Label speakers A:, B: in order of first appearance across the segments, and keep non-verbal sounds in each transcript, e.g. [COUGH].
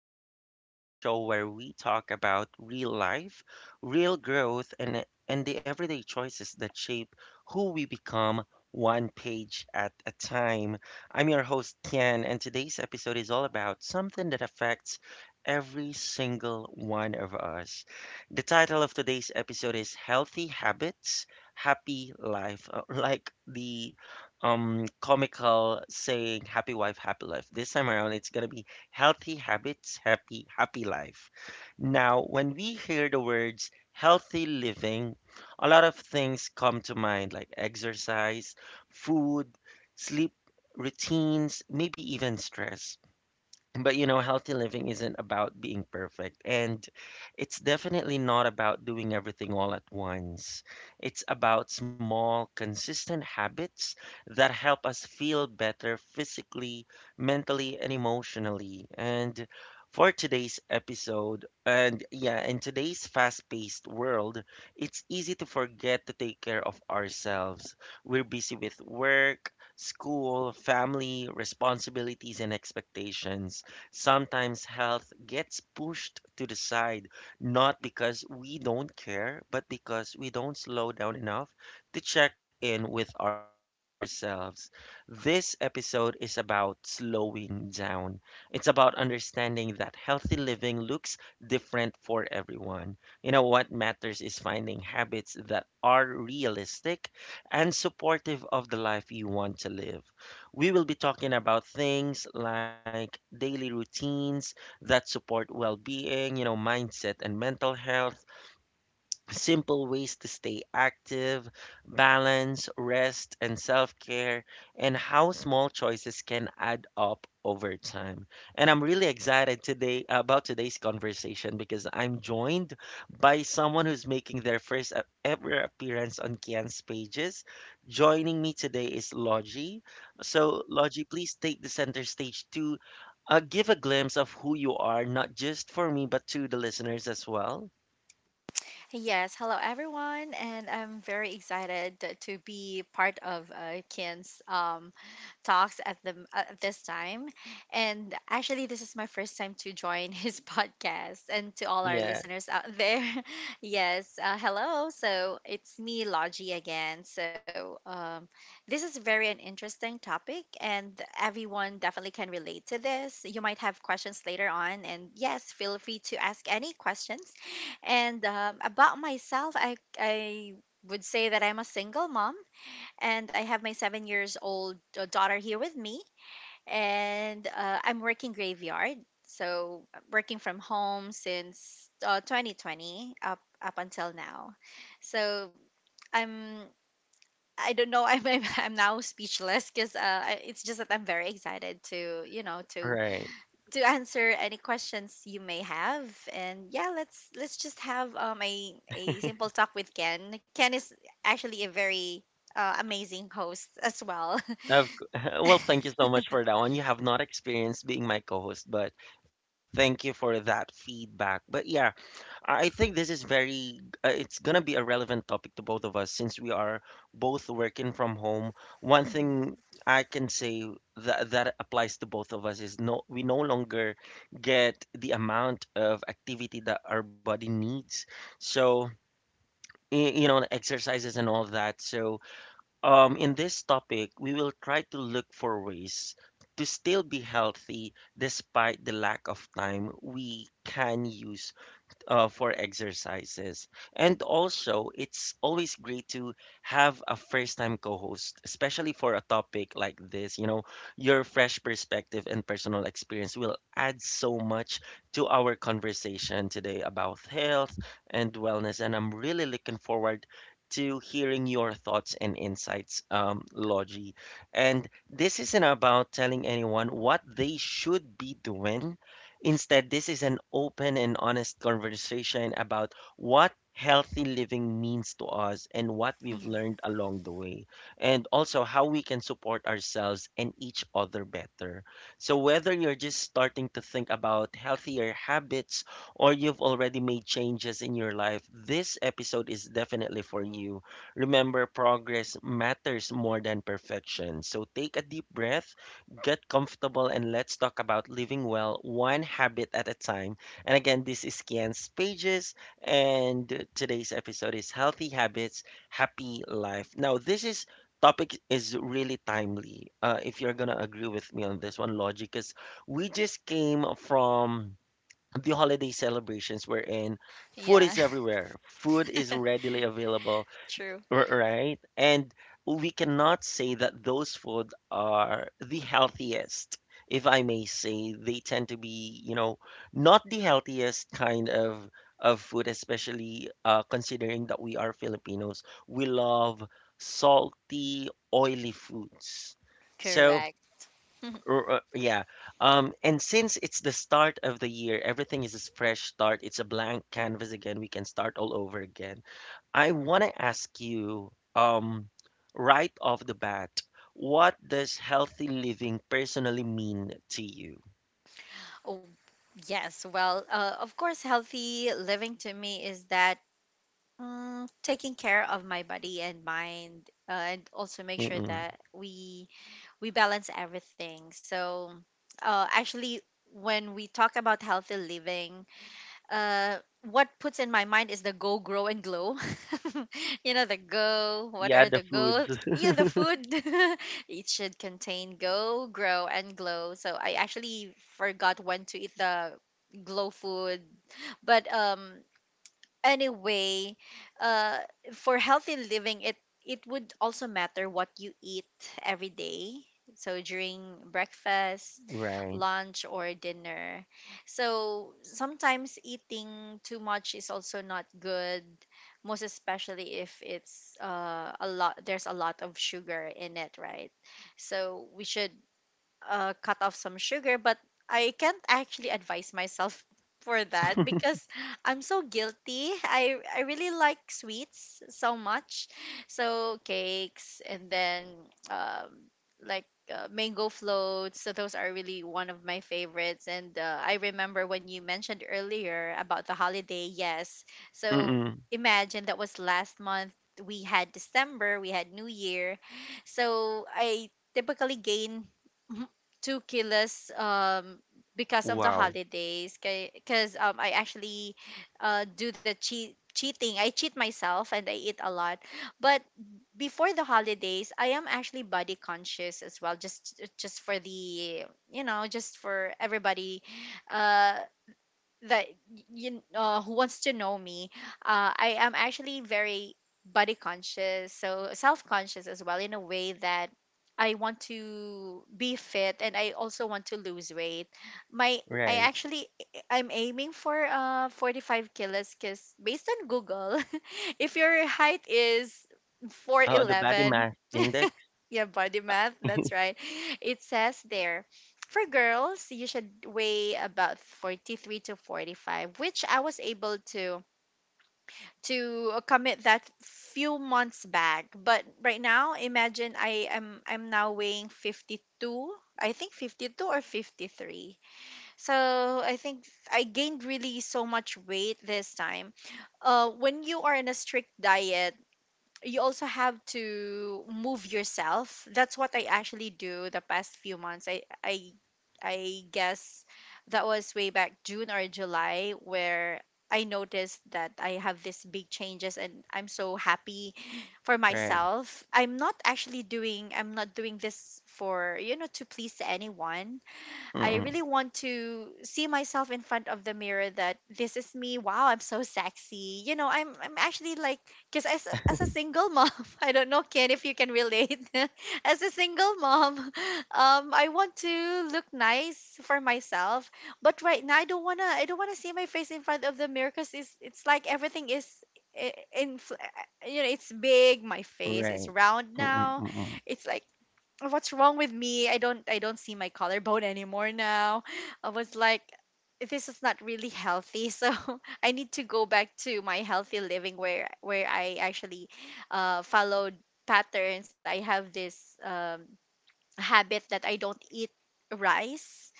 A: Kian's Pages, the show where we talk about real life, real growth, and the everyday choices that shape who we become one page at a time. I'm your host, Kian, and today's episode is all about something that affects every single one of us. The title of today's episode is Healthy Habits, Happy Life, like the comical saying, happy wife happy life. This time around, it's going to be healthy habits, happy life. Now, when we hear the words healthy living, a lot of things come to mind like exercise, food, sleep, routines, maybe even stress. But healthy living isn't about being perfect, and it's definitely not about doing everything all at once. It's about small, consistent habits that help us feel better physically, mentally, and emotionally. And for today's episode, and yeah, in today's fast-paced world, it's easy to forget to take care of ourselves. We're busy with work, school, family, responsibilities, and expectations. Sometimes health gets pushed to the side, not because we don't care, but because we don't slow down enough to check in with ourselves. This episode is about slowing down. It's about understanding that healthy living looks different for everyone. What matters is finding habits that are realistic and supportive of the life you want to live. We will be talking about things like daily routines that support well being, mindset and mental health, simple ways to stay active, balance, rest, and self care, and how small choices can add up over time. And I'm really excited today about today's conversation because I'm joined by someone who's making their first ever appearance on Kian's Pages. Joining me today is Logie. So, Logie, please take the center stage to give a glimpse of who you are, not just for me, but to the listeners as well.
B: Yes, hello everyone, and I'm very excited to be part of Kin's talks at the at this time. And actually, this is my first time to join his [LAUGHS] podcast. And to all our
A: Yeah,
B: listeners out there, [LAUGHS] yes, hello. So it's me, Logie, again. This is very an interesting topic, and everyone definitely can relate to this. You might have questions later on, and yes, feel free to ask any questions. And About myself, I would say that I'm a single mom and I have my 7 years old daughter here with me, and I'm working graveyard. Working from home since 2020 up until now. So I'm I don't know. [LAUGHS] I'm now speechless because it's just that I'm very excited to, to
A: right.
B: answer any questions you may have, and yeah, let's just have a simple talk with Ken. Ken is actually a very amazing host as well. [LAUGHS]
A: Of cou [LAUGHS] Well, thank you so much for that one. You have not experienced being my co-host, but thank you for that feedback. But yeah, I think this is very, it's gonna be a relevant topic to both of us since we are both working from home. One
B: Mhm,
A: thing I can say that that applies to both of us is no, we no longer get the amount of activity that our body needs. So, exercises and all that. So, in this topic, we will try to look for ways to still be healthy despite the lack of time we can use for exercises. And also, it's always great to have a first time co host, especially for a topic like this. Your fresh perspective and personal experience will add so much to our conversation today about health and wellness. And I'm really looking forward to hearing your thoughts and insights, Logie. And this isn't about telling anyone what they should be doing. Instead, this is an open and honest conversation about what healthy living means to us and what we've
B: mhm.
A: learned along the way, and also how we can support ourselves and each other better. So, whether you're just starting to think about healthier habits or you've already made changes in your life, this episode is definitely for you. Remember, progress matters more than perfection. So, take a deep breath. Get comfortable, and let's talk about living well, one habit at a time. And again, this is Kian's Pages, and today's episode is Healthy Habits, Happy Life. Now, this is topic is really timely. If you're gonna agree with me on this one, logic, because we just came from the holiday celebrations we're in. Food is
B: Yeah, [LAUGHS]
A: everywhere. Food is readily available,
B: true.
A: Right? And we cannot say that those food are the healthiest, if I may say. They tend to be, not the healthiest kind of food, especially considering that we are Filipinos. We love salty, oily foods. So,
B: Correct.
A: yeah. And since it's the start of the year, everything is a fresh start. It's a blank canvas again. We can start all over again. I want to ask you, right off the bat, what does healthy living personally mean to you?
B: Oh, yes. Well, of course, healthy living to me is that, taking care of my body and mind, and also make sure
A: Mm-mm.
B: that we balance everything. So, actually, when we talk about healthy living, uh, what puts in my mind is the go, grow, and glow. [LAUGHS] You know, the go, what
A: Yeah,
B: are
A: the
B: the goals?
A: foods. [LAUGHS]
B: Yeah, the food. [LAUGHS] It should contain go, grow, and glow. So I actually forgot when to eat the glow food. But anyway, uh, for healthy living, it would also matter what you eat every day. So during breakfast,
A: Right.
B: lunch, or dinner. So sometimes eating too much is also not good, most especially if it's, a lot. There's a lot of sugar in it, right? So we should cut off some sugar, but I can't actually advise myself [LAUGHS] for that, because I'm so guilty. I really like sweets so much, so cakes and then, um, like mango floats. So those are really one of my favorites. And I remember when you mentioned earlier about the holiday. Yes, so
A: Mm-mm.
B: imagine that was last month. We had December, we had New Year, so I typically gain [LAUGHS] 2 kilos, because of the
A: Wow.
B: holidays, because I actually do the cheating. I cheat myself and I eat a lot. But before the holidays, I am actually body conscious as well, just for the you know just for everybody, uh that you, who wants to know me. I am actually very body conscious so self conscious as well, in a way that I want to be fit, and I also want to lose weight. My I
A: Right.
B: actually I'm aiming for 45 kilos because based on Google, [LAUGHS] if your height is
A: Oh, the body
B: 4'11".
A: mass index.
B: Yeah, body math. That's
A: [LAUGHS]
B: right. [LAUGHS] It says there for girls, you should weigh about 43 to 45, which I was able to commit that few months back. But right now, imagine I'm now weighing 52. I think 52 or 53. So, I think I gained really so much weight this time. When you are in a strict diet, you also have to move yourself. That's what I actually do the past few months. I guess that was way back June or July, where I noticed that I have these big changes and I'm so happy for
A: Right.
B: myself. I'm not doing this for, to please anyone. I
A: Mm-mm.
B: really want to see myself in front of the mirror that this is me. Wow, I'm so sexy. You know, I'm actually like, because as a single mom, [LAUGHS] I don't know, Ken, if you can relate. [LAUGHS] As a single mom, [LAUGHS] I want to look nice for myself, but right now I don't wanna see my face in front of the mirror, because it's like everything is. In, it's big. My face is
A: Right.
B: round
A: Mm-mm.
B: now.
A: Mm-mm.
B: It's like, what's wrong with me? I don't see my collarbone anymore now. I was like, this is not really healthy, so [LAUGHS] I need to go back to my healthy living, where I actually followed patterns. I have this, habit that I don't eat rice.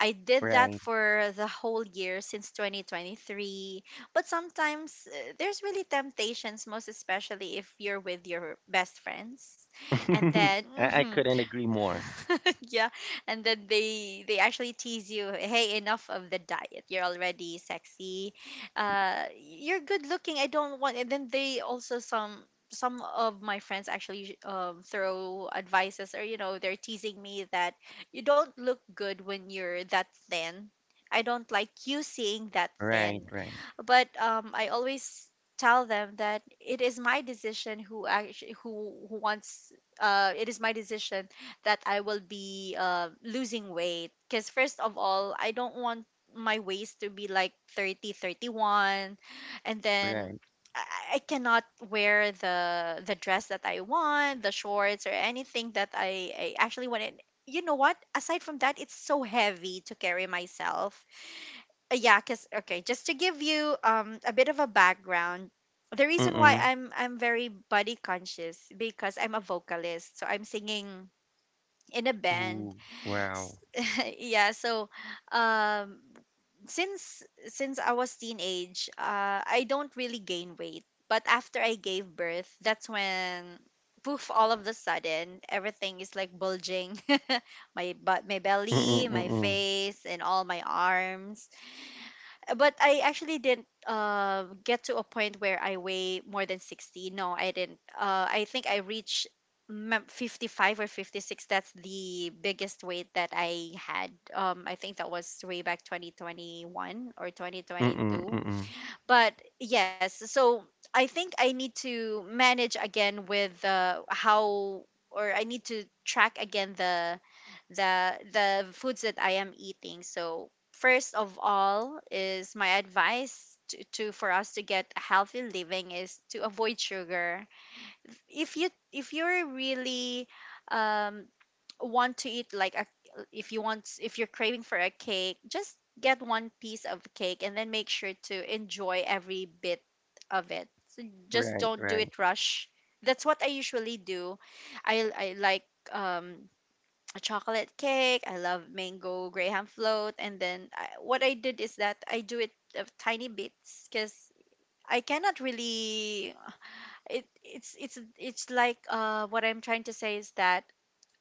B: I did that
A: Right.
B: for the whole year since 2023. But sometimes, there's really temptations, most especially if you're with your best friends, and then
A: [LAUGHS] I, I
B: [LAUGHS]
A: couldn't agree more.
B: [LAUGHS] yeah, and then they actually tease you, hey, enough of the diet, you're already sexy. You're good looking I don't want. And then they also, some of my friends actually, throw advices, or you know, they're teasing me that you don't look good when you're that thin. I don't like you seeing that
A: Right.
B: thin.
A: Right.
B: But, I always tell them that it is my decision. Who actually who wants It is my decision that I will be, losing weight. Because, first of all, I don't want my waist to be like 30, 31. And then
A: Right.
B: I I cannot wear the dress that I want, the shorts, or anything that I actually wanted. You know what? Aside from that, it's so heavy to carry myself. Yeah, cause okay, just to give you a bit of a background, the reason why
A: Mm-mm.
B: I'm very body conscious because I'm a vocalist, so I'm singing in a band.
A: Ooh. Wow.
B: S- [LAUGHS] yeah, so um since I was teenage, I don't really gain weight. But after I gave birth, that's when, poof, all of the sudden everything is like bulging, [LAUGHS] my
A: Mm-mm.
B: belly, my
A: Mm-mm.
B: face, and all my arms. But I actually didn't get to a point where I weigh more than 60. No, I didn't. I think I reached, 55 or 56. That's the biggest weight that I had. I think that was way back 2021 or
A: Mm-mm.
B: 2022.
A: Mm-mm.
B: But yes, so I think I need to manage again with, how, or I need to track again the foods that I am eating. So first of all is my advice, to for us to get a healthy living is to avoid sugar. If you're really, um, want to eat like a if you want if you're craving for a cake, just get one piece of cake and then make sure to enjoy every bit of it. Just
A: Right.
B: don't do
A: Right.
B: it rush. That's what I usually do. I like, um a chocolate cake. I love mango graham float. And then, what I did is that I do it of tiny bits, because I cannot really. It, it's like, what I'm trying to say is that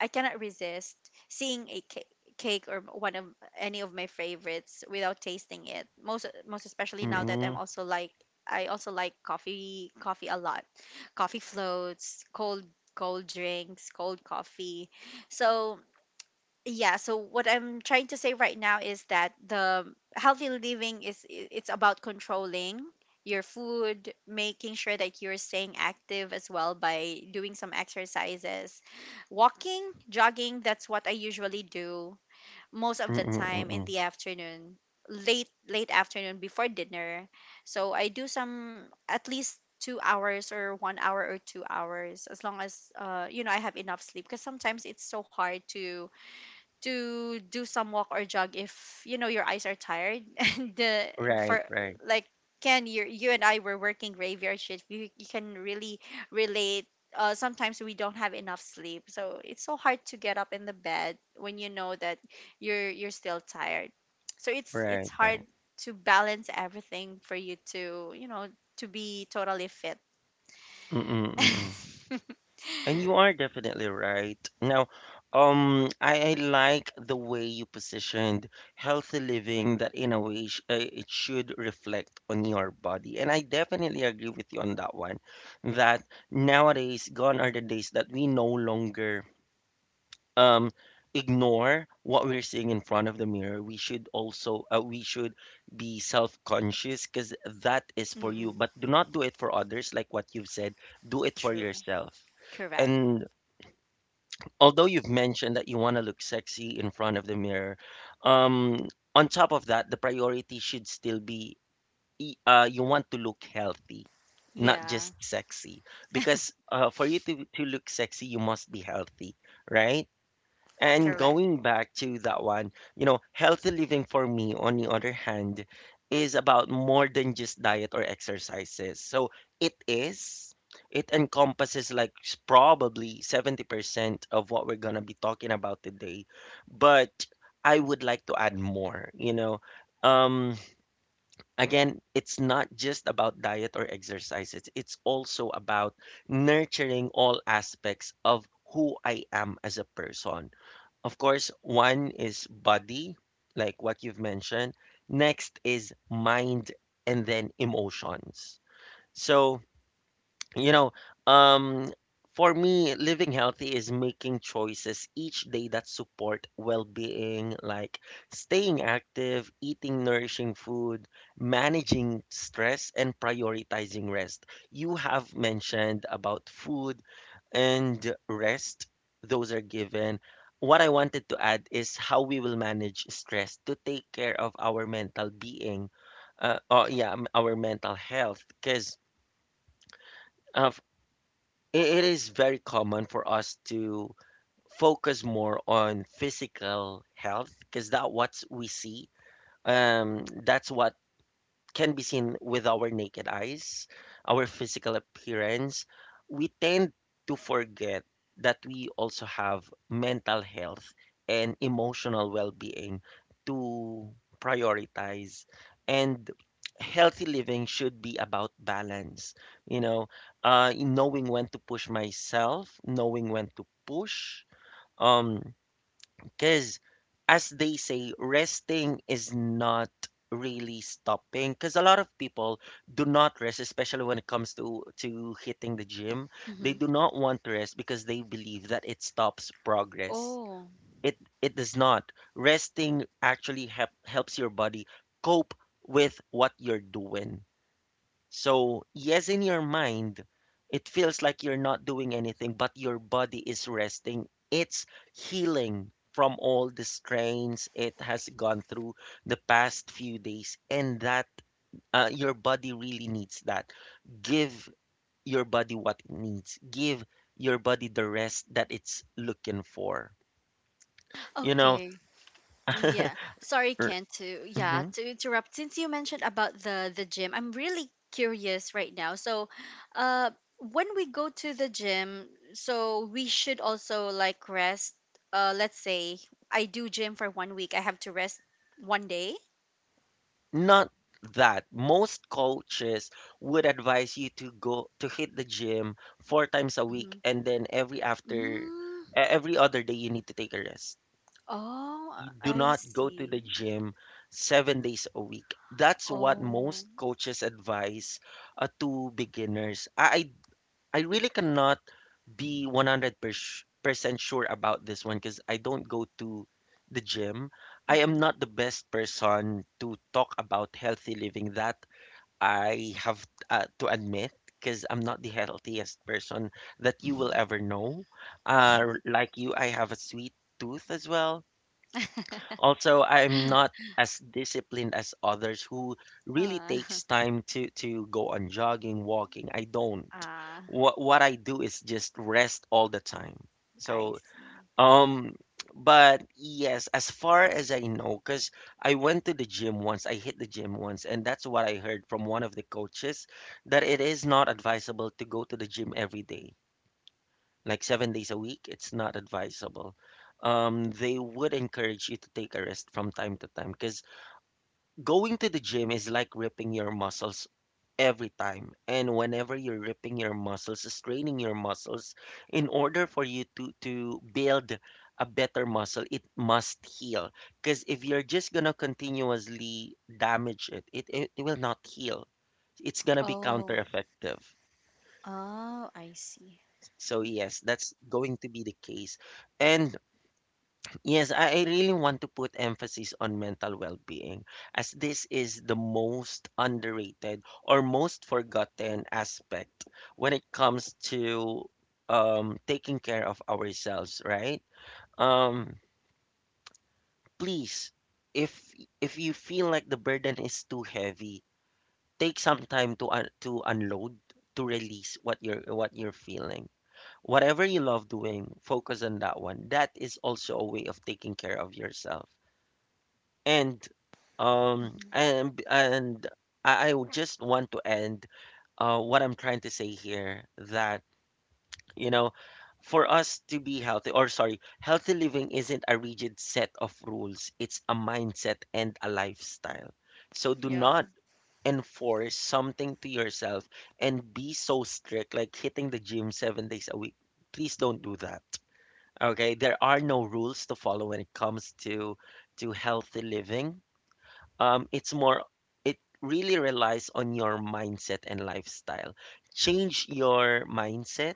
B: I cannot resist seeing a cake, or one of any of my favorites, without tasting it, most especially now that I'm
A: Mm-mm.
B: also like, I also like coffee a lot, coffee floats, cold drinks, cold coffee. So yeah, so what I'm trying to say right now is that the healthy living is, it's about controlling your food, making sure that you're staying active as well by doing some exercises, walking, jogging. That's what I usually do, most of the
A: Mm-mm.
B: time in
A: Mm-mm.
B: the afternoon, late afternoon before dinner. So I do some at least 2 hours, or 1 hour or 2 hours, as long as, you know, I have enough sleep, because sometimes it's so hard to do some walk or jog if you know your eyes are tired. [LAUGHS] And,
A: Right,
B: for
A: right,
B: like, Ken, you and I were working graveyard shift. You can really relate. Sometimes we don't have enough sleep, so it's so hard to get up in the bed when you know that you're still tired. So it's
A: right,
B: hard
A: right.
B: to balance everything for you to, to be totally fit.
A: Mm-mm, mm-mm.
B: [LAUGHS]
A: And you are definitely right. Now, I like the way you positioned healthy living that in a way sh it should reflect on your body. And I definitely agree with you on that one, that nowadays gone are the days that we no longer um ignore what we're seeing in front of the mirror. We should also, we should be self-conscious because that is for you,
B: Mm-mm,
A: but do not do it for others like what you've said. Do it for
B: true.
A: yourself.
B: Correct.
A: And although you've mentioned that you want to look sexy in front of the mirror, um on top of that, the priority should still be, you want to look healthy, not
B: Yeah.
A: just sexy. Because for you to look sexy, you must be healthy, right? And
B: Correct.
A: going back to that one, healthy living for me, on the other hand, is about more than just diet or exercises. So it is, it encompasses like probably 70% of what we're gonna be talking about today. But I would like to add more. Um, Again, it's not just about diet or exercises, it's also about nurturing all aspects of who I am as a person. Of course, one is body, like what you've mentioned. Next is mind, and then emotions. So, you know, um, for me, living healthy is making choices each day that support well-being, like staying active, eating nourishing food, managing stress, and prioritizing rest. You have mentioned about food and rest, those are given. What I wanted to add is how we will manage stress to take care of our mental being, or yeah, our mental health, because of it is very common for us to focus more on physical health, because that what we see. That's what can be seen with our naked eyes, our physical appearance. We tend to forget that we also have mental health and emotional well being to prioritize. And healthy living should be about balance, you know, in knowing when to push myself, knowing when to push. Um, because, as they say, resting is not really stopping. Because a lot of people do not rest, especially when it comes to hitting the gym. They
B: Mm-hmm.
A: do not want to rest because they believe that it stops progress.
B: Oh.
A: It does not. Resting actually helps your body cope with what you're doing. So, yes, in your mind, it feels like you're not doing anything, but your body is resting. It's healing from all the strains it has gone through the past few days, and that your body really needs that. Give your body what it needs. Give your body the rest that it's looking for. You know,
B: Okay.
A: [LAUGHS]
B: Yeah. Sorry,
A: R-
B: Ken, to, yeah,
A: mhm.
B: to interrupt. Since you mentioned about the gym, I'm really curious right now. So, uh when we go to the gym, so we should also like rest. Let's say I do gym for 1 week. I have to rest 1 day.
A: Not that. Most coaches would advise you to go to hit the gym 4 times a week,
B: Hmm.
A: and then every after
B: Mm,
A: every other day you need to take a rest.
B: oh,
A: You do
B: I
A: not go to the
B: see.
A: gym 7 days a week. That's what
B: Oh.
A: most coaches advise to beginners. I really cannot be 100% sure about this one because I don't go to the gym. I am
B: Mm-mm.
A: not the best person to talk about healthy living, that I have to admit, because I'm not the healthiest person that you will ever know. Like you, I have a sweet tooth as well. Also, I'm not as disciplined as others who really
B: [LAUGHS] uh,
A: takes time to go on jogging, walking. I don't.
B: [LAUGHS] ah,
A: What I do is just rest all the time.
B: I
A: So,
B: see.
A: um but yes, as far as I know, because I went to the gym once, I hit the gym once, and that's what I heard from one of the coaches, that it is not advisable to go to the gym every day like 7 days a week, it's not advisable. They would encourage you to take a rest from time to time because going to the gym is like ripping your muscles every time. And whenever you're ripping your muscles, straining your muscles, in order for you to build a better muscle, it must heal. Because if you're just gonna continuously damage it, it will not heal. It's gonna be counter
B: Oh.
A: effective.
B: Oh, I see.
A: So yes, that's going to be the case. And Yes, I really want to put emphasis on mental well-being as this is the most underrated or most forgotten aspect when it comes to taking care of ourselves, right? Um, Please, if if you feel like the burden is too heavy, take some time to un to unload, to release what you're feeling. Whatever you love doing, focus on that one. That is also a way of taking care of yourself. And
B: Mm-hmm.
A: and I would just want to end what I'm trying to say here, that you know for us to be healthy, or sorry, healthy living isn't a rigid set of rules, it's a mindset and a lifestyle. So do
B: Yeah.
A: not enforce something to yourself and be so strict like hitting the gym 7 days a week. Please don't do that. Okay, there are no rules to follow when it comes to healthy living. It's more, it really relies on your mindset and lifestyle. Change your mindset,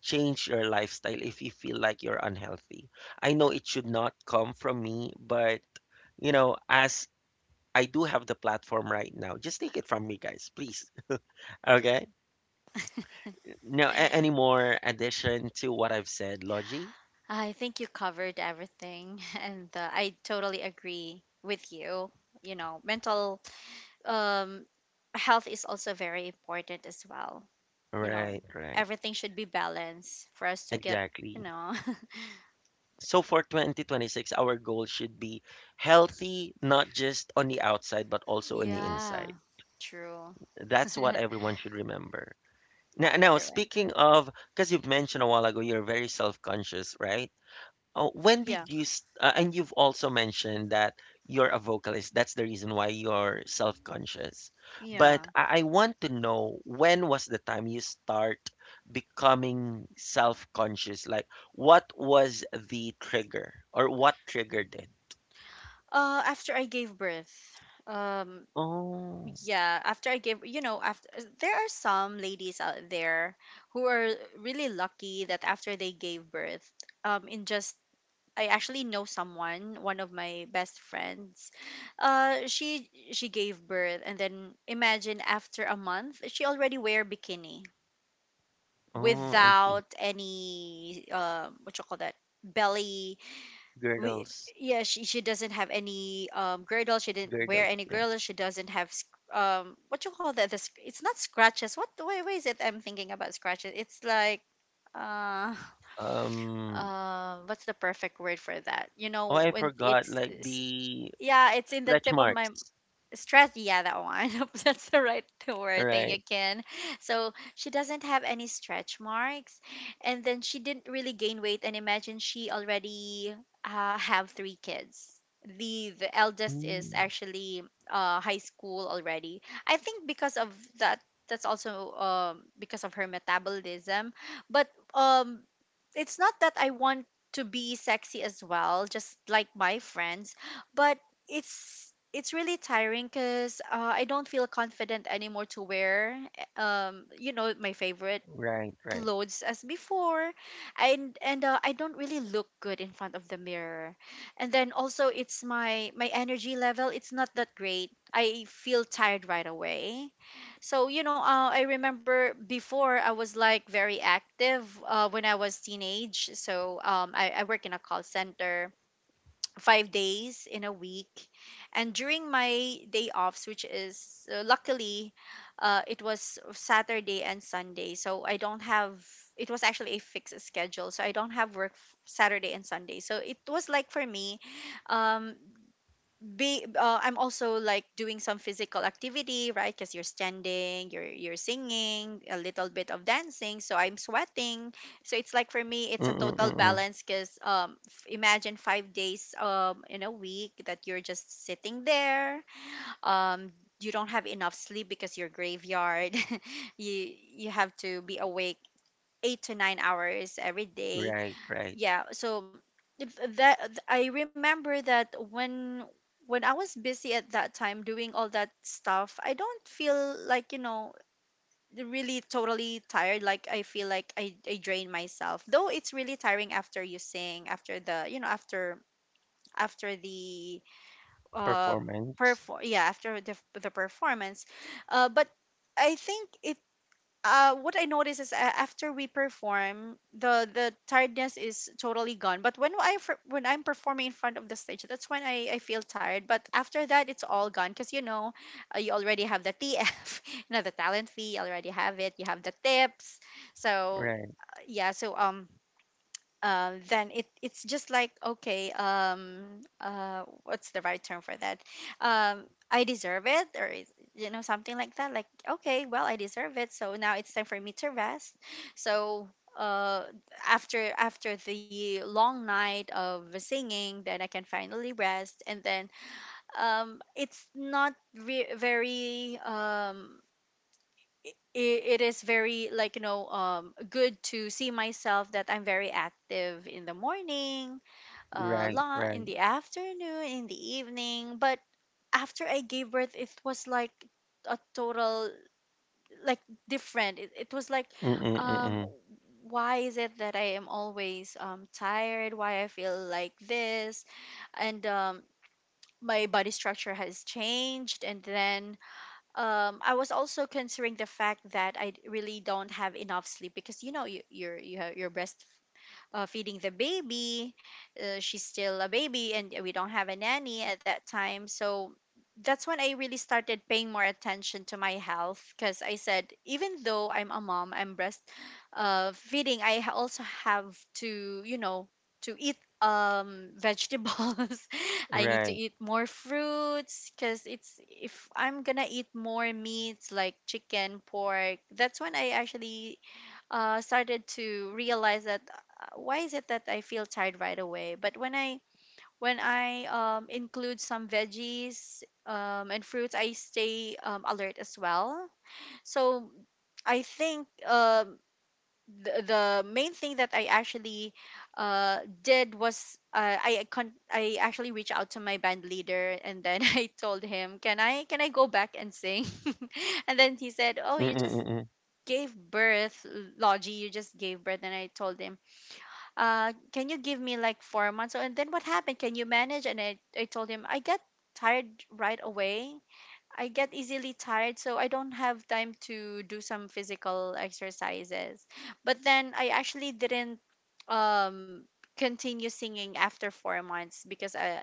A: change your lifestyle if you feel like you're unhealthy. I know it should not come from me, but you know, as I do have the platform right now, just take it from me, guys, please. [LAUGHS] Okay? No, any more addition to what I've said, Logie?
B: I think you covered everything, [LAUGHS] and I totally agree with you. You know, mental, um, health is also very important as well. You know,
A: Right, right.
B: everything should be balanced for us to get, you
A: Exactly.
B: know, [LAUGHS]
A: So for 2026, our goal should be healthy, not just on the outside, but also on the inside.
B: yeah, true.
A: That's what everyone should remember. Now,
B: You're right.
A: speaking of, because you've mentioned a while ago, you're very self-conscious, right? Oh, when
B: Yeah,
A: did you s and you've also mentioned that you're a vocalist, that's the reason why you're self-conscious.
B: yeah.
A: But I want to know, when was the time you start becoming self-conscious? Like, what was the trigger or what triggered it?
B: After I gave birth, um,
A: Oh,
B: yeah, after I gave, after there are some ladies out there who are really lucky that after they gave birth, in just I actually know someone, one of my best friends. She gave birth, and then imagine after a month, she already wear bikini
A: oh, I see.
B: without any what you call that, belly we
A: Girdles,
B: yeah, she doesn't have any girdle, she didn't wear
A: girdles,
B: any
A: yeah.
B: girdle, she doesn't have what you call that, this, it's not scratches, what the way is it, I'm thinking about scratches, it's like uh
A: Um,
B: what's the perfect word for that, you
A: oh,
B: know,
A: I
B: when
A: forgot,
B: it's,
A: like
B: it's
A: the
B: yeah, it's in the
A: stretch
B: tip of my
A: marks,
B: stress, yeah, that one [LAUGHS] that's the right word thing
A: right?
B: again. So she doesn't have any stretch marks, and then she didn't really gain weight, and imagine she already have three kids. The eldest is
A: Mm,
B: actually high school already. I think because of that, that's also because of her metabolism. But um it's not that I want to be sexy as well, just like my friends. But it's really tiring because I don't feel confident anymore to wear you know, my favorite
A: right, right.
B: clothes as before. And I don't really look good in front of the mirror. And then also it's my energy level, it's not that great, I feel tired right away. So I remember before I was like very active when I was teenage. So I work in a call center 5 days in a week. And during my day offs, which is luckily, it was Saturday and Sunday. So I don't have, it was actually a fixed schedule. So I don't have work Saturday and Sunday. So it was like for me, um, be I'm also like doing some physical activity, right? Because you're standing, you're singing, a little bit of dancing, so I'm sweating. So it's like for me, it's a total
A: Mm-mm-mm.
B: balance. Because imagine 5 days in a week that you're just sitting there, um. You don't have enough sleep because you're graveyard. [LAUGHS] you you have to be awake 8 to 9 hours every day.
A: Right, right.
B: Yeah, so if that, I remember that when I was busy at that time doing all that stuff, I don't feel like, you know, really totally tired. Like, I feel like I drain myself, though it's really tiring after you sing, after the, you know, after after the uh
A: Performance.
B: perform, yeah, after the performance. But I think it what I notice is, after we perform, the tiredness is totally gone. But when I'm performing in front of the stage, that's when I feel tired. But after that, it's all gone because, you know, you already have the TF, [LAUGHS] you know, the talent fee, you already have it. You have the tips. So
A: Right,
B: yeah, so then it's just like, okay, what's the right term for that, um I deserve it, or you know, something like that, like okay, well, I deserve it, so now it's time for me to rest. So uh after the long night of singing, then I can finally rest. And then it's not re- very um it is very, like, you know, good to see myself that I'm very active in the morning,
A: right,
B: la in
A: right.
B: the afternoon, in the evening. But after I gave birth, it was like a total, like, different. It was like,
A: Mm-mm,
B: um,
A: mm-mm.
B: why is it that I am always tired? Why I feel like this? And my body structure has changed, and then I was also considering the fact that really don't have enough sleep because, you know, you have, you're breastfeeding, feeding the baby. She's still a baby, and we don't have a nanny at that time. So that's when I really started paying more attention to my health because I said, even though I'm a mom, I'm breast, feeding, I also have to, you know, to eat vegetables. [LAUGHS] I need to
A: Right.
B: eat more fruits because it's, if I'm gonna eat more meats like chicken, pork, that's when I actually started to realize that, why is it that I feel tired right away? But when I, include some veggies and fruits, I stay, alert as well. So I think, the main thing that I actually did was, I actually reached out to my band leader, and then [LAUGHS] I told him, "Can I go back and sing?" [LAUGHS] And then he
A: Mm-mm,
B: said, "Oh, you
A: mm-mm.
B: just." Gave birth. Logie, you just gave birth, and I told him, can you give me like 4 months? So, and then what happened? Can you manage? And I told him, I get tired right away. I get easily tired, so I don't have time to do some physical exercises. But then I actually didn't, um, continue singing after 4 months because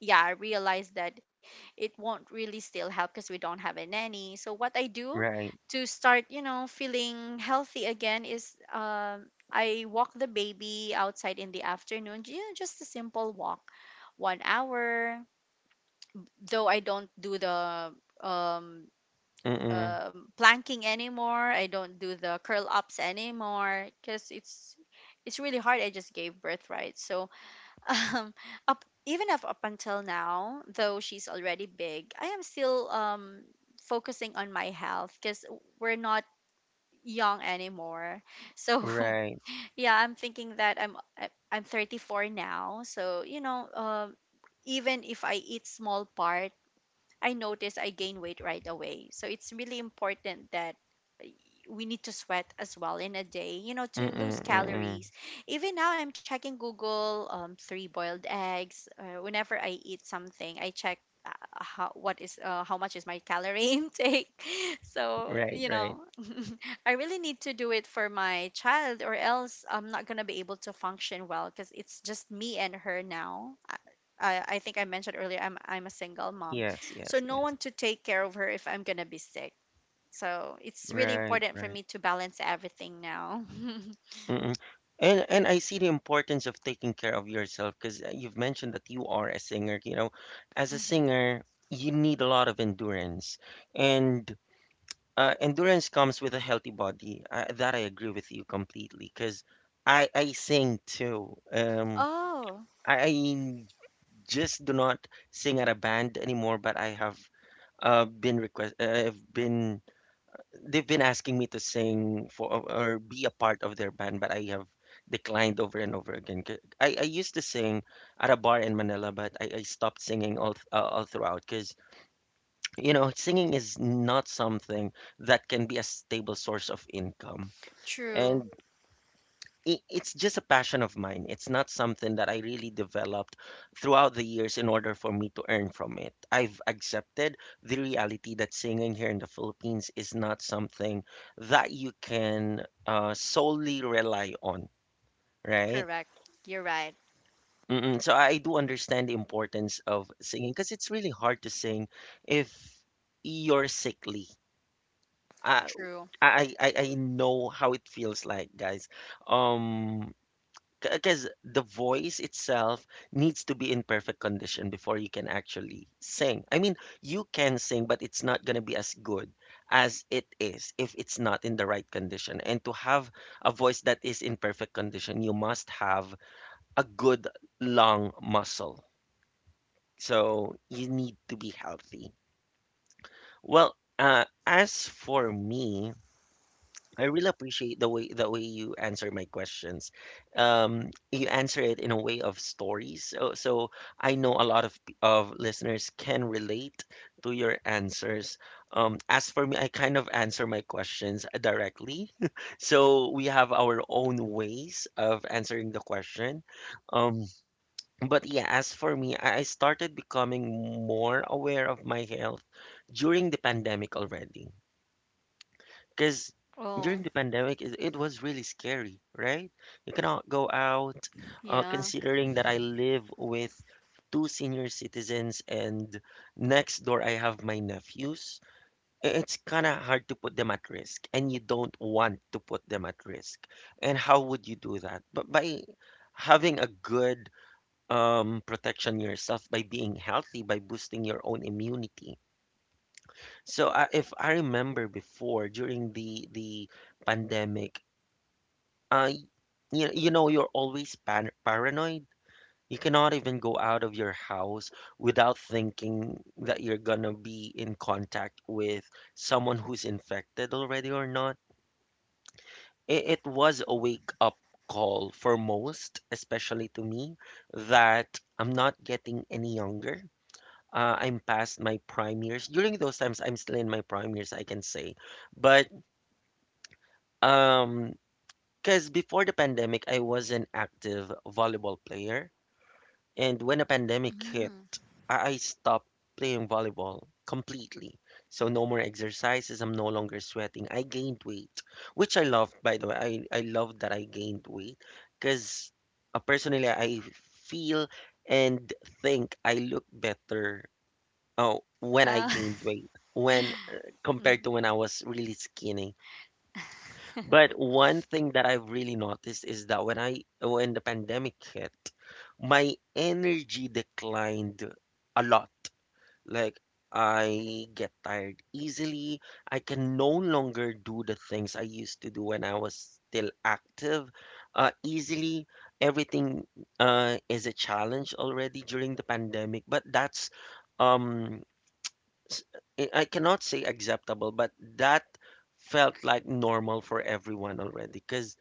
B: yeah, I realized that it won't really still help because we don't have a nanny. So what I do
A: Right.
B: to start, you know, feeling healthy again is, I walk the baby outside in the afternoon, you know, just a simple walk, 1 hour. Though I don't do the um,
A: Mm-mm.
B: planking anymore, I don't do the curl ups anymore because it's really hard. I just gave birth, right? So um up even if up until now, though she's already big, I am still, focusing on my health because we're not young anymore. So
A: Right.
B: [LAUGHS] yeah, I'm thinking that I'm 34 now. So you know, even if I eat small part, I notice I gain weight right away. So it's really important that, uh, we need to sweat as well in a day, you know, to
A: Mm-mm,
B: lose
A: mm-mm.
B: calories. Even now, I'm checking Google, three boiled eggs. Whenever I eat something, I check, how much is my calorie [LAUGHS] intake. So,
A: Right,
B: you
A: right.
B: know, [LAUGHS] I really need to do it for my child, or else I'm not gonna be able to function well because it's just me and her now. I think I mentioned earlier, I'm a single mom,
A: Yes,
B: so
A: yes,
B: no
A: yes.
B: one to take care of her if I'm gonna be sick. So it's really
A: Right,
B: important for
A: right.
B: me to balance everything now. [LAUGHS]
A: Mm-mm. And I see the importance of taking care of yourself because you've mentioned that you are a singer. You know, as a
B: Mhm.
A: singer, you need a lot of endurance. And endurance comes with a healthy body. I, that I agree with you completely because I sing too.
B: Oh,
A: I just do not sing at a band anymore, but I have been request. I've been they've been asking me to sing for or be a part of their band, but I have declined over and over again. 'Cause I used to sing at a bar in Manila, but I stopped singing all throughout because you know, singing is not something that can be a stable source of income.
B: true.
A: And it's just a passion of mine. It's not something that I really developed throughout the years in order for me to earn from it. I've accepted the reality that singing here in the Philippines is not something that you can solely rely on, right?
B: Correct. You're right.
A: Mm-mm. So I do understand the importance of singing because it's really hard to sing if you're sickly. Uh,
B: True.
A: I know how it feels like, guys. Um, because the voice itself needs to be in perfect condition before you can actually sing. I mean, you can sing, but it's not gonna be as good as it is if it's not in the right condition. And to have a voice that is in perfect condition, you must have a good lung muscle. So you need to be healthy. Well, as for me, I really appreciate the way you answer my questions. You answer it in a way of stories, so, so I know a lot of of listeners can relate to your answers. As for me, I kind of answer my questions directly, [LAUGHS] so we have our own ways of answering the question. Um, but yeah, as for me, I started becoming more aware of my health during the pandemic already. Because
B: Oh,
A: during the pandemic, it was really scary, right? You cannot go out,
B: yeah.
A: considering that I live with two senior citizens, and next door I have my nephews. It's kind of hard to put them at risk, and you don't want to put them at risk. And how would you do that? But by having a good protection yourself, by being healthy, by boosting your own immunity. So I, if I remember before, during the pandemic, uh, you, you know you're always pan paranoid. You cannot even go out of your house without thinking that you're gonna be in contact with someone who's infected already or not. It was a wake up call for most, especially to me, that I'm not getting any younger. I'm past my prime years. During those times, I'm still in my prime years, I can say. But um, because before the pandemic, I was an active volleyball player, and when the pandemic hit,
B: Mm.
A: I stopped playing volleyball completely. So no more exercises. I'm no longer sweating. I gained weight, which I love, by the way. I love that I gained weight because personally, I feel and think I look better. Oh, when I
B: Uh, [LAUGHS]
A: gained weight, when compared
B: mhm.
A: to when I was really skinny. But one thing that I've really noticed is that when the pandemic hit, my energy declined a lot. Like, I get tired easily. I can no longer do the things I used to do when I was still active. Easily, everything is a challenge already during the pandemic. But that's um s- I cannot say acceptable, but that felt like normal for everyone already because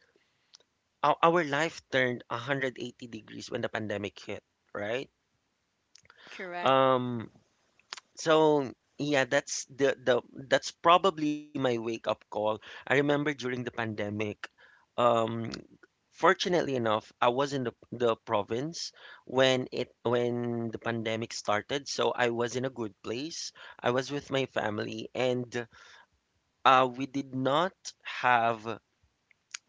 A: our life turned 180 degrees when the pandemic hit, right?
B: Correct.
A: Um, so yeah, that's the that's probably my wake up call. I remember during the pandemic, um, fortunately enough, I was in the province when the pandemic started, so I was in a good place. I was with my family, and we did not have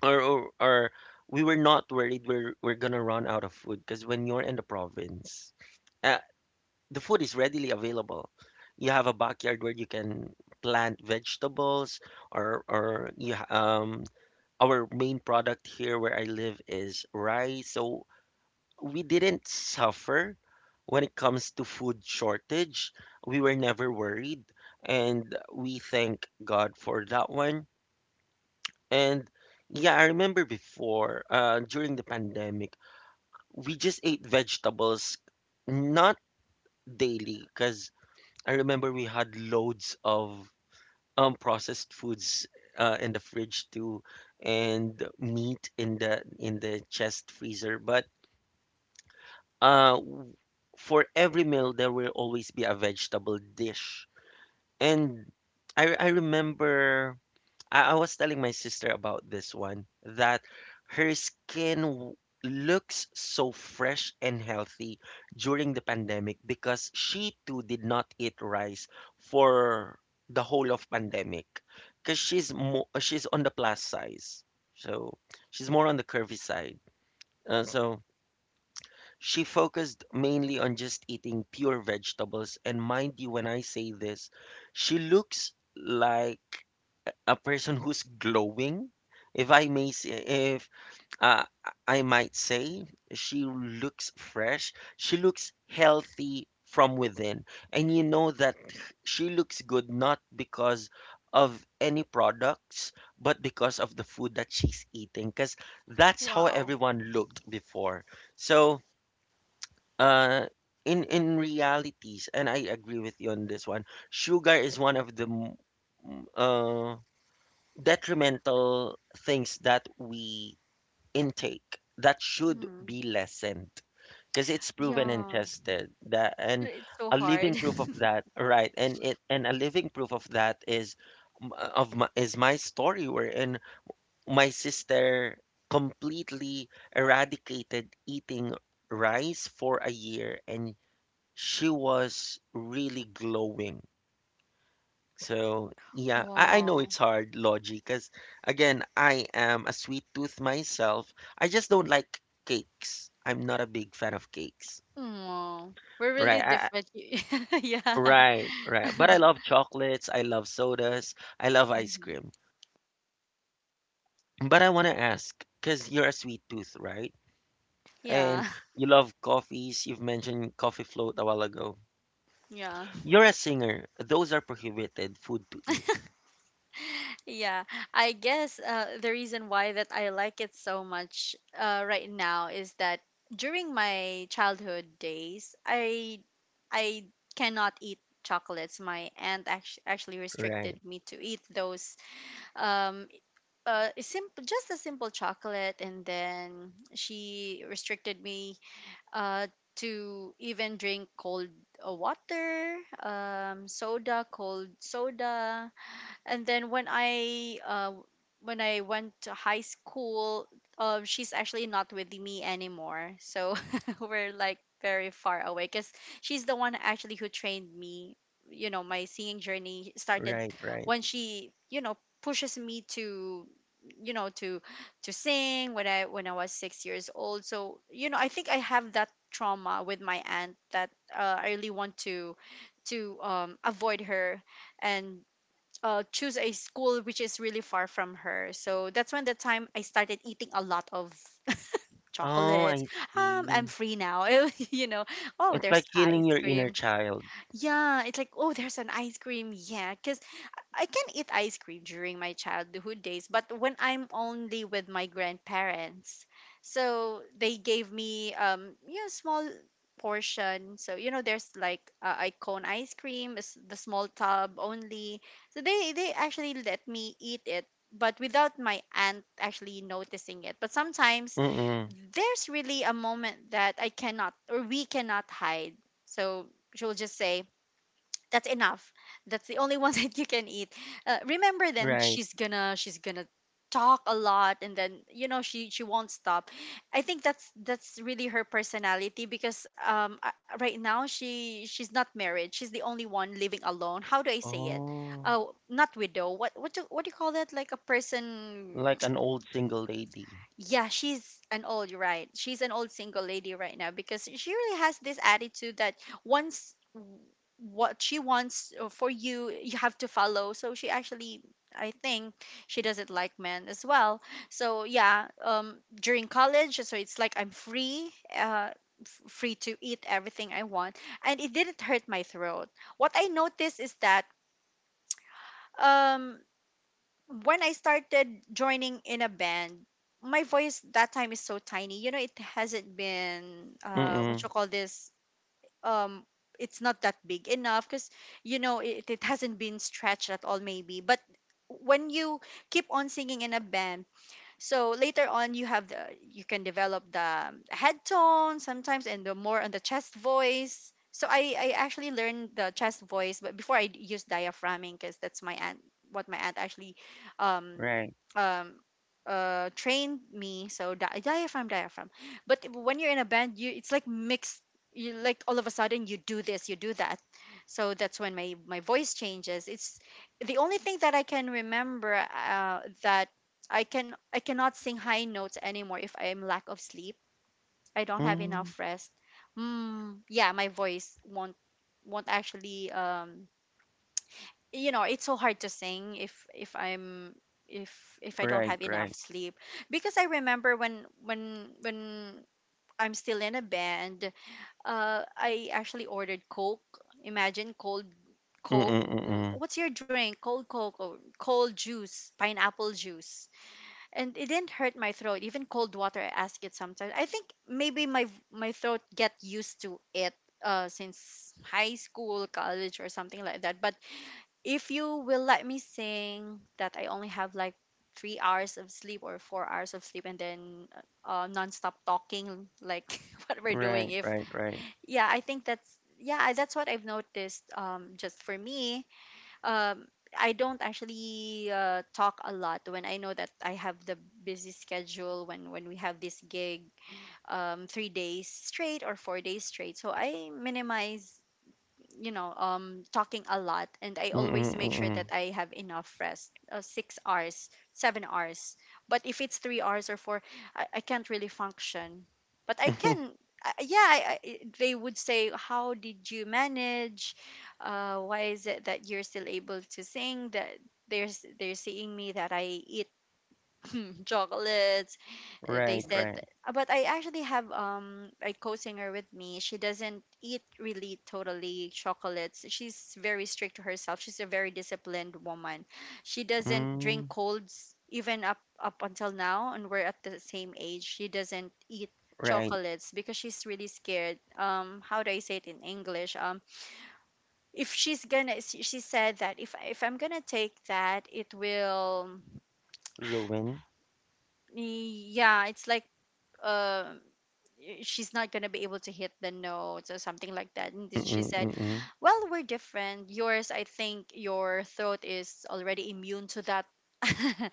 A: or we were not worried we're gonna run out of food, because when you're in the province, uh, the food is readily available. You have a backyard where you can plant vegetables, or or you, ha- um our main product here where I live is rice. So we didn't suffer when it comes to food shortage. We were never worried, and we thank God for that one. And yeah, I remember before, during the pandemic, we just ate vegetables not daily because I remember we had loads of processed foods in the fridge too, and meat in the chest freezer. But uh, w- for every meal, there will always be a vegetable dish. And I remember, I was telling my sister about this one, that her skin looks so fresh and healthy during the pandemic, because she too did not eat rice for the whole of pandemic because she's on the plus size, so she's more on the curvy side, so she focused mainly on just eating pure vegetables. And mind you, when I say this, she looks like a person who's glowing. If I may say, if uh, I might say, she looks fresh. She looks healthy from within, and you know that she looks good not because of any products, but because of the food that she's eating. Because that's how
B: Wow.
A: everyone looked before. So, uh, in realities, and I agree with you on this one, sugar is one of the m- uh detrimental things that we intake that should
B: Mm.
A: be lessened because it's proven and
B: Yeah.
A: tested that,
B: But
A: and
B: it's so
A: a
B: hard.
A: living
B: [LAUGHS]
A: proof of that, right? And it, and a living proof of that is is my story, wherein my sister completely eradicated eating rice for a year, and she was really glowing. So yeah, I know
B: Wow.
A: it's hard, Logi, because again, I am a sweet tooth myself. I just don't like cakes. I'm not a big fan of cakes.
B: Wow. We're really
A: Right,
B: different. [LAUGHS] Yeah.
A: right, right. But I love chocolates, I love sodas, I love ice
B: Mhm.
A: cream. But I want to ask, because you're a sweet tooth, right? And
B: Yeah. [LAUGHS]
A: you love coffees. You've mentioned coffee float a while ago.
B: Yeah.
A: You're a singer. Those are prohibited food to eat.
B: Yeah, I guess, the reason why that I like it so much, right now is that during my childhood days, I cannot eat chocolates. My aunt, actually
A: Right,
B: restricted me to eat those. Um, simple, just a simple chocolate, and then she restricted me, uh, to even drink cold, water, soda, cold soda. And then when I, when I went to high school, she's actually not with me anymore. So [LAUGHS] we're like very far away because she's the one actually who trained me. You know, my singing journey started
A: right, right.
B: when she, you know, pushes me to, you know, to sing when I was 6 years old. So you know, I think I have that trauma with my aunt that, I really want to, avoid her. And, choose a school which is really far from her. So that's when the time I started eating a lot of [LAUGHS]
A: Oh,
B: chocolates.
A: I
B: I'm
A: see.
B: free now. [LAUGHS] You know, oh,
A: It's like
B: there's
A: healing
B: ice
A: your inner
B: cream.
A: child.
B: Yeah, it's like, oh, there's an ice cream. Yeah, because I can eat ice cream during my childhood days, but when I'm only with my grandparents. So they gave me, you know, small portion. So you know, there's like, I cone ice cream, is the small tub only. So they actually let me eat it, but without my aunt actually noticing it. But sometimes
A: Mm,
B: there's really a moment that I cannot, or we cannot hide. So she will just say, that's enough, that's the only one [LAUGHS] that you can eat. Remember, then
A: right.
B: she's gonna talk a lot. And then you know she won't stop. I think that's really her personality because, right now she's not married. She's the only one living alone. How do I say it,
A: Oh,
B: oh, not widow, what what do you call that, like a person.
A: like an old single lady.
B: Yeah, she's an old, right? She's an old single lady right now because she really has this attitude that, once what she wants, for you, you have to follow. So she actually, I think, she doesn't like men as well. So yeah, during college, so it's like I'm free, free to eat everything I want, and it didn't hurt my throat. What I noticed is that um when I started joining in a band, my voice that time is so tiny. You know, it hasn't been what
A: Mm,
B: you call this um it's not that big enough because you know it hasn't been stretched at all maybe. But when you keep on singing in a band, so later on you have the, you can develop the head tone sometimes, and the more on the chest voice. So I actually learned the chest voice, but before I used diaphragming because that's my aunt, what my aunt actually um
A: right.
B: um trained me. So diaphragm, diaphragm. But when you're in a band, you it's like mixed. You like all of a sudden you do this, you do that. So that's when my voice changes. It's the only thing that I can remember, that I can, I cannot sing high notes anymore if I am lack of sleep, I don't have enough
A: Mm,
B: rest. Mm, yeah, my voice won't actually, you know, it's so hard to sing if I'm if I don't
A: right,
B: have enough
A: right.
B: sleep. Because I remember when I'm still in a band, I actually ordered Coke. Imagine cold
A: Mm,
B: Coke.
A: mm,
B: What's your drink? Cold Coke or cold juice, pineapple juice. And it didn't hurt my throat, even cold water I ask it sometimes. I think maybe my throat get used to it, since high school, college or something like that. But if you will let me sing that I only have like 3 hours of sleep or 4 hours of sleep, and then non-stop talking like [LAUGHS] what we're doing.
A: right,
B: If
A: right, right.
B: yeah, I think that's, yeah, that's what I've noticed, just for me. um, I don't actually talk a lot when I know that I have the busy schedule, when we have this gig 3 days straight or 4 days straight. So I minimize, you know, talking a lot, and I always make sure
A: Mm,
B: that I have enough rest, 6 hours, 7 hours. But if it's 3 hours or four, I can't really function. But I
A: mm,
B: can, yeah, I, they would say, how did you manage, why is it that you're still able to sing? That there's, they're seeing me that I eat [LAUGHS] chocolates.
A: [LAUGHS]
B: They
A: right,
B: said,
A: right.
B: but I actually have a co-singer with me. She doesn't eat really totally chocolates. She's very strict to herself. She's a very disciplined woman. She doesn't
A: Mm,
B: drink colds even up until now, and we're at the same age. She doesn't eat
A: right.
B: chocolates because she's really scared. How do I say it in English? If she's gonna, she said that if I'm gonna take that, it will,
A: Ruin.
B: yeah, it's like, uh, she's not going to be able to hit the notes or something like that. And then she
A: Mm,
B: said,
A: mm,
B: well, we're different. Yours, I think your throat is already immune to that. [LAUGHS]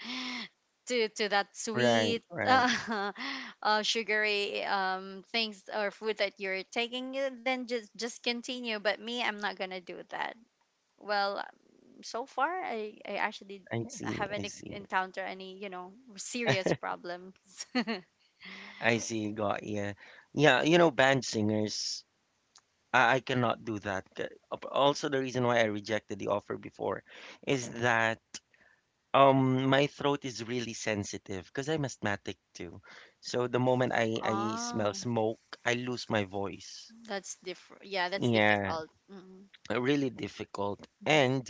B: To that
A: right,
B: sweet
A: right.
B: [LAUGHS] sugary things or food that you're taking, eh, then just continue. But me, I'm not gonna do that. Well, so far, I actually
A: I see, I
B: haven't
A: see.
B: encountered any, you know, serious problems. [LAUGHS]
A: I see, got yeah. Yeah, you know, band singers, I cannot do that. Also, the reason why I rejected the offer before is that um, my throat is really sensitive because I'm asthmatic too. So the moment I smell
B: Oh.
A: smoke, I lose my voice.
B: That's different. Yeah, that's
A: Yeah,
B: difficult. Mm-hmm.
A: really difficult. And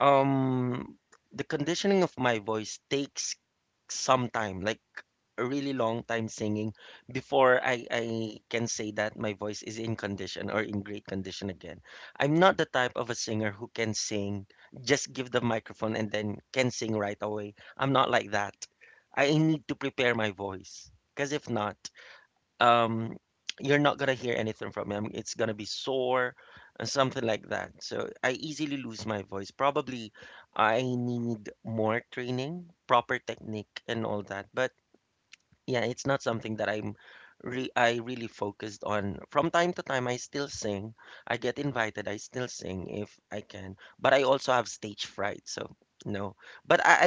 A: um, the conditioning of my voice takes some time, like a really long time singing before I can say that my voice is in condition or in great condition again. I'm not the type of a singer who can sing, just give the microphone and then can sing right away. I'm not like that. I need to prepare my voice because if not, um, you're not gonna hear anything from me. I mean, it's gonna be sore and something like that. So I easily lose my voice. Probably I need more training, proper technique, and all that. But yeah, it's not something that I'm re I really focused on. From time to time, I still sing. I get invited, I still sing if I can. But I also have stage fright, so no. But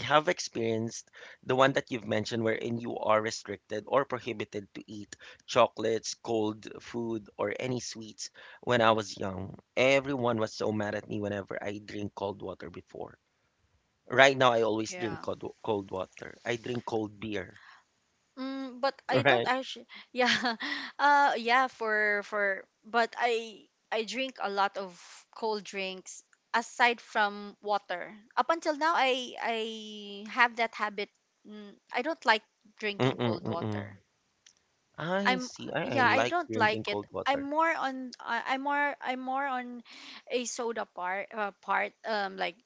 A: I have experienced the one that you've mentioned wherein you are restricted or prohibited to eat chocolates, cold food, or any sweets when I was young. Everyone was so mad at me whenever I drink cold water before. Right now, I always drink
B: Yeah.
A: cold, cold water. I drink cold beer.
B: Mm, but I
A: [LAUGHS]
B: don't
A: Right.
B: actually. [LAUGHS] Yeah, yeah. For but I drink a lot of cold drinks aside from water. Up until now, I have that habit. Mm, I don't like
A: Mm,
B: drinking cold
A: mm.
B: water.
A: I
B: I'm
A: see. I
B: Yeah. I
A: like
B: don't like
A: drinking
B: it.
A: cold
B: I'm
A: water.
B: more on. I- I'm more. I'm more on a soda part. Like,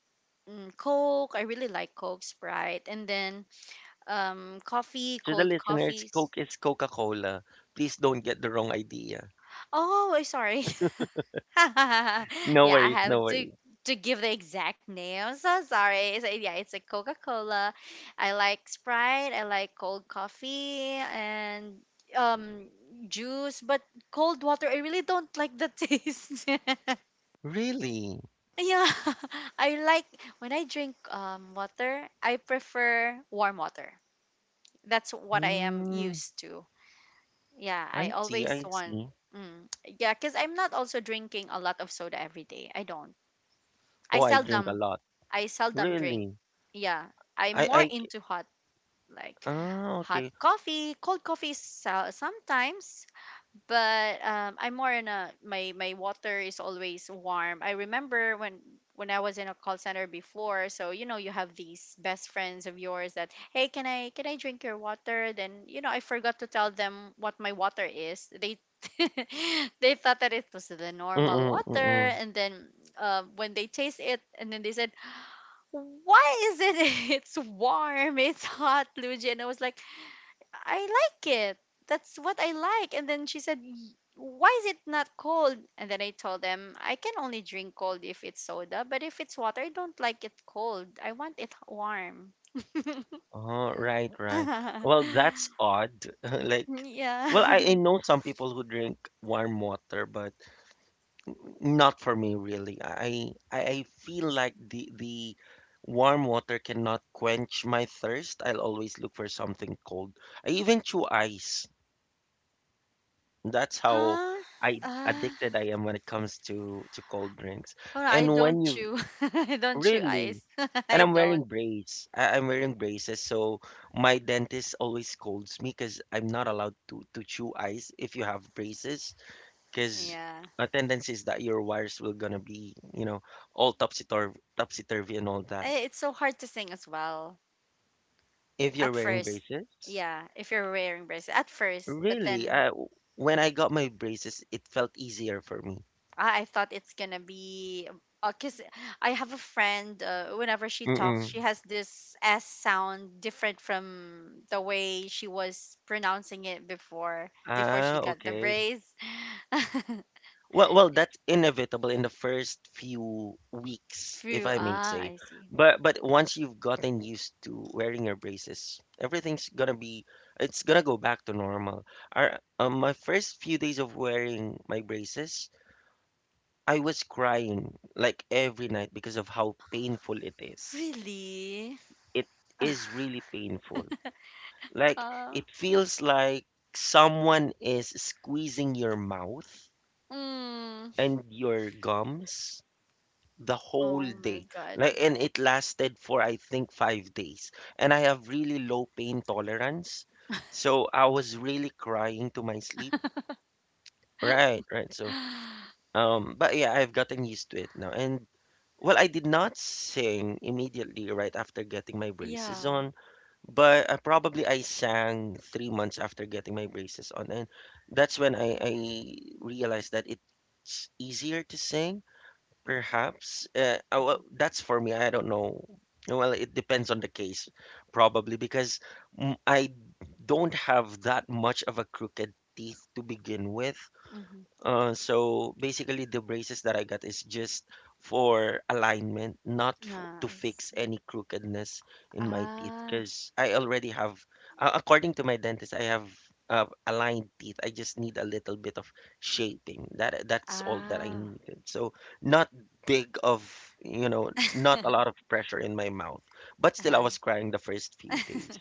B: mm, Coke. I really like Coke, Sprite, and then coffee,
A: To the
B: cold
A: listeners,
B: coffees.
A: Coke is Coca-Cola. Please don't get the wrong idea.
B: Oh, I'm sorry. [LAUGHS] [LAUGHS]
A: No
B: Yeah, I
A: worries, no
B: have to
A: worries.
B: to give the exact name. I'm so sorry. So yeah, it's a Coca Cola. I like Sprite. I like cold coffee and um juice. But cold water, I really don't like the taste. [LAUGHS]
A: Really?
B: Yeah, [LAUGHS] I like when I drink water. I prefer warm water. That's what I am
A: Mm,
B: used to. Yeah,
A: I
B: I
A: see,
B: always
A: I
B: want.
A: see.
B: Mm, yeah, because I'm not also drinking a lot of soda every day. I don't. I
A: Oh, I drink a
B: seldom.
A: lot.
B: I seldom drink.
A: Really?
B: Yeah, I'm
A: I,
B: more
A: I, c-
B: into hot, like
A: ah,
B: hot
A: okay.
B: coffee. Cold coffee is, sometimes, but I'm more in a, my water is always warm. I remember when I was in a call center before. So you know, you have these best friends of yours that, hey, can I, drink your water? Then you know, I forgot to tell them what my water is. They [LAUGHS] they thought that it was the normal
A: Mm-mm,
B: water,
A: mm-mm.
B: and then when they taste it, and then they said, "Why is it? [LAUGHS] It's warm. It's hot, Luigi." And I was like, I like it. That's what I like. And then she said, Why is it not cold?" And then I told them, I can only drink cold if it's soda, but if it's water, I don't like it cold. I want it warm.
A: Oh, right, right. Well, that's
B: [LAUGHS]
A: odd. [LAUGHS] Like,
B: Yeah.
A: well,
B: [LAUGHS]
A: I know some people who drink warm water, but not for me, really. I feel like the warm water cannot quench my thirst. I'll always look for something cold. I even chew ice. That's how
B: Huh? Uh,
A: I am when it comes to cold drinks.
B: well, I
A: And
B: don't
A: when you
B: chew. [LAUGHS] I don't chew
A: really
B: ice. [LAUGHS]
A: and
B: I don't.
A: I'm wearing braces, so my dentist always scolds me because I'm not allowed to chew ice if you have braces because
B: Yeah.
A: a tendency is that your wires will gonna be, you know, all topsy turvy and all that.
B: Eh, it's so hard to sing as well
A: If you're
B: at
A: wearing
B: first.
A: braces,
B: Yeah, if you're wearing braces at first, but
A: really,
B: then
A: I, when I got my braces, it felt easier for me.
B: I thought it's gonna be, because I have a friend. Whenever she talks,
A: Mm-mm.
B: she has this S sound different from the way she was pronouncing it before. Before she
A: Ah,
B: got the
A: okay.
B: brace. [LAUGHS]
A: Well, well, that's inevitable in the first few weeks, if
B: Phew.
A: I may
B: Ah,
A: say.
B: I see.
A: But once you've gotten used to wearing your braces, everything's gonna be, it's gonna go back to normal. My first few days of wearing my braces, I was crying like every night because of how painful it is.
B: Really?
A: It is
B: [LAUGHS]
A: really painful. Like
B: uh,
A: it feels like someone is squeezing your mouth
B: mm,
A: and your gums the whole
B: oh my
A: day.
B: god.
A: Like and it lasted for I think 5 days. And I have really low pain tolerance. So I was really crying to my sleep. Right, right. So
B: [GASPS]
A: But yeah, I've gotten used to it now. And well, I did not sing immediately right after getting my
B: [SIGHS]
A: braces
B: Yeah.
A: on, but probably I sang 3 months after getting my braces on, and that's when I realized that it's easier to sing, perhaps.
B: Mm-hmm.
A: Well, that's for me. I don't know. Well, it depends on the case, probably because I don't have that much of a crooked teeth to begin with.
B: Mm-hmm.
A: So basically, the braces that I got is just for alignment, not for,
B: Ah,
A: to
B: I
A: fix
B: see.
A: any crookedness in my teeth.
B: Ah.
A: Because I already have, according to my dentist, I have aligned teeth. I just need a little bit of shaping. That's all that I
B: Ah.
A: needed. So not big of, you know, not a
B: [LAUGHS]
A: lot of pressure in my mouth. But still, I
B: Uh-huh.
A: was crying the first few days.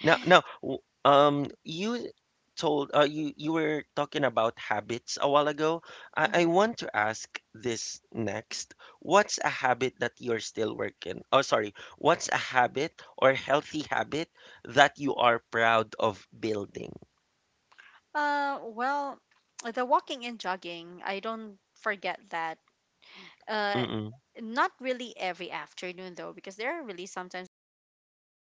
A: No, no. You told you were talking about habits a while ago. I
B: Mhm.
A: want to ask this next. What's a habit that you're still working? Oh, sorry. What's a habit or healthy habit that you are proud of building?
B: Well, the walking and jogging, I don't forget that. Uh, Not really every afternoon though, because there are really sometimes that I feel [LAUGHS] lazy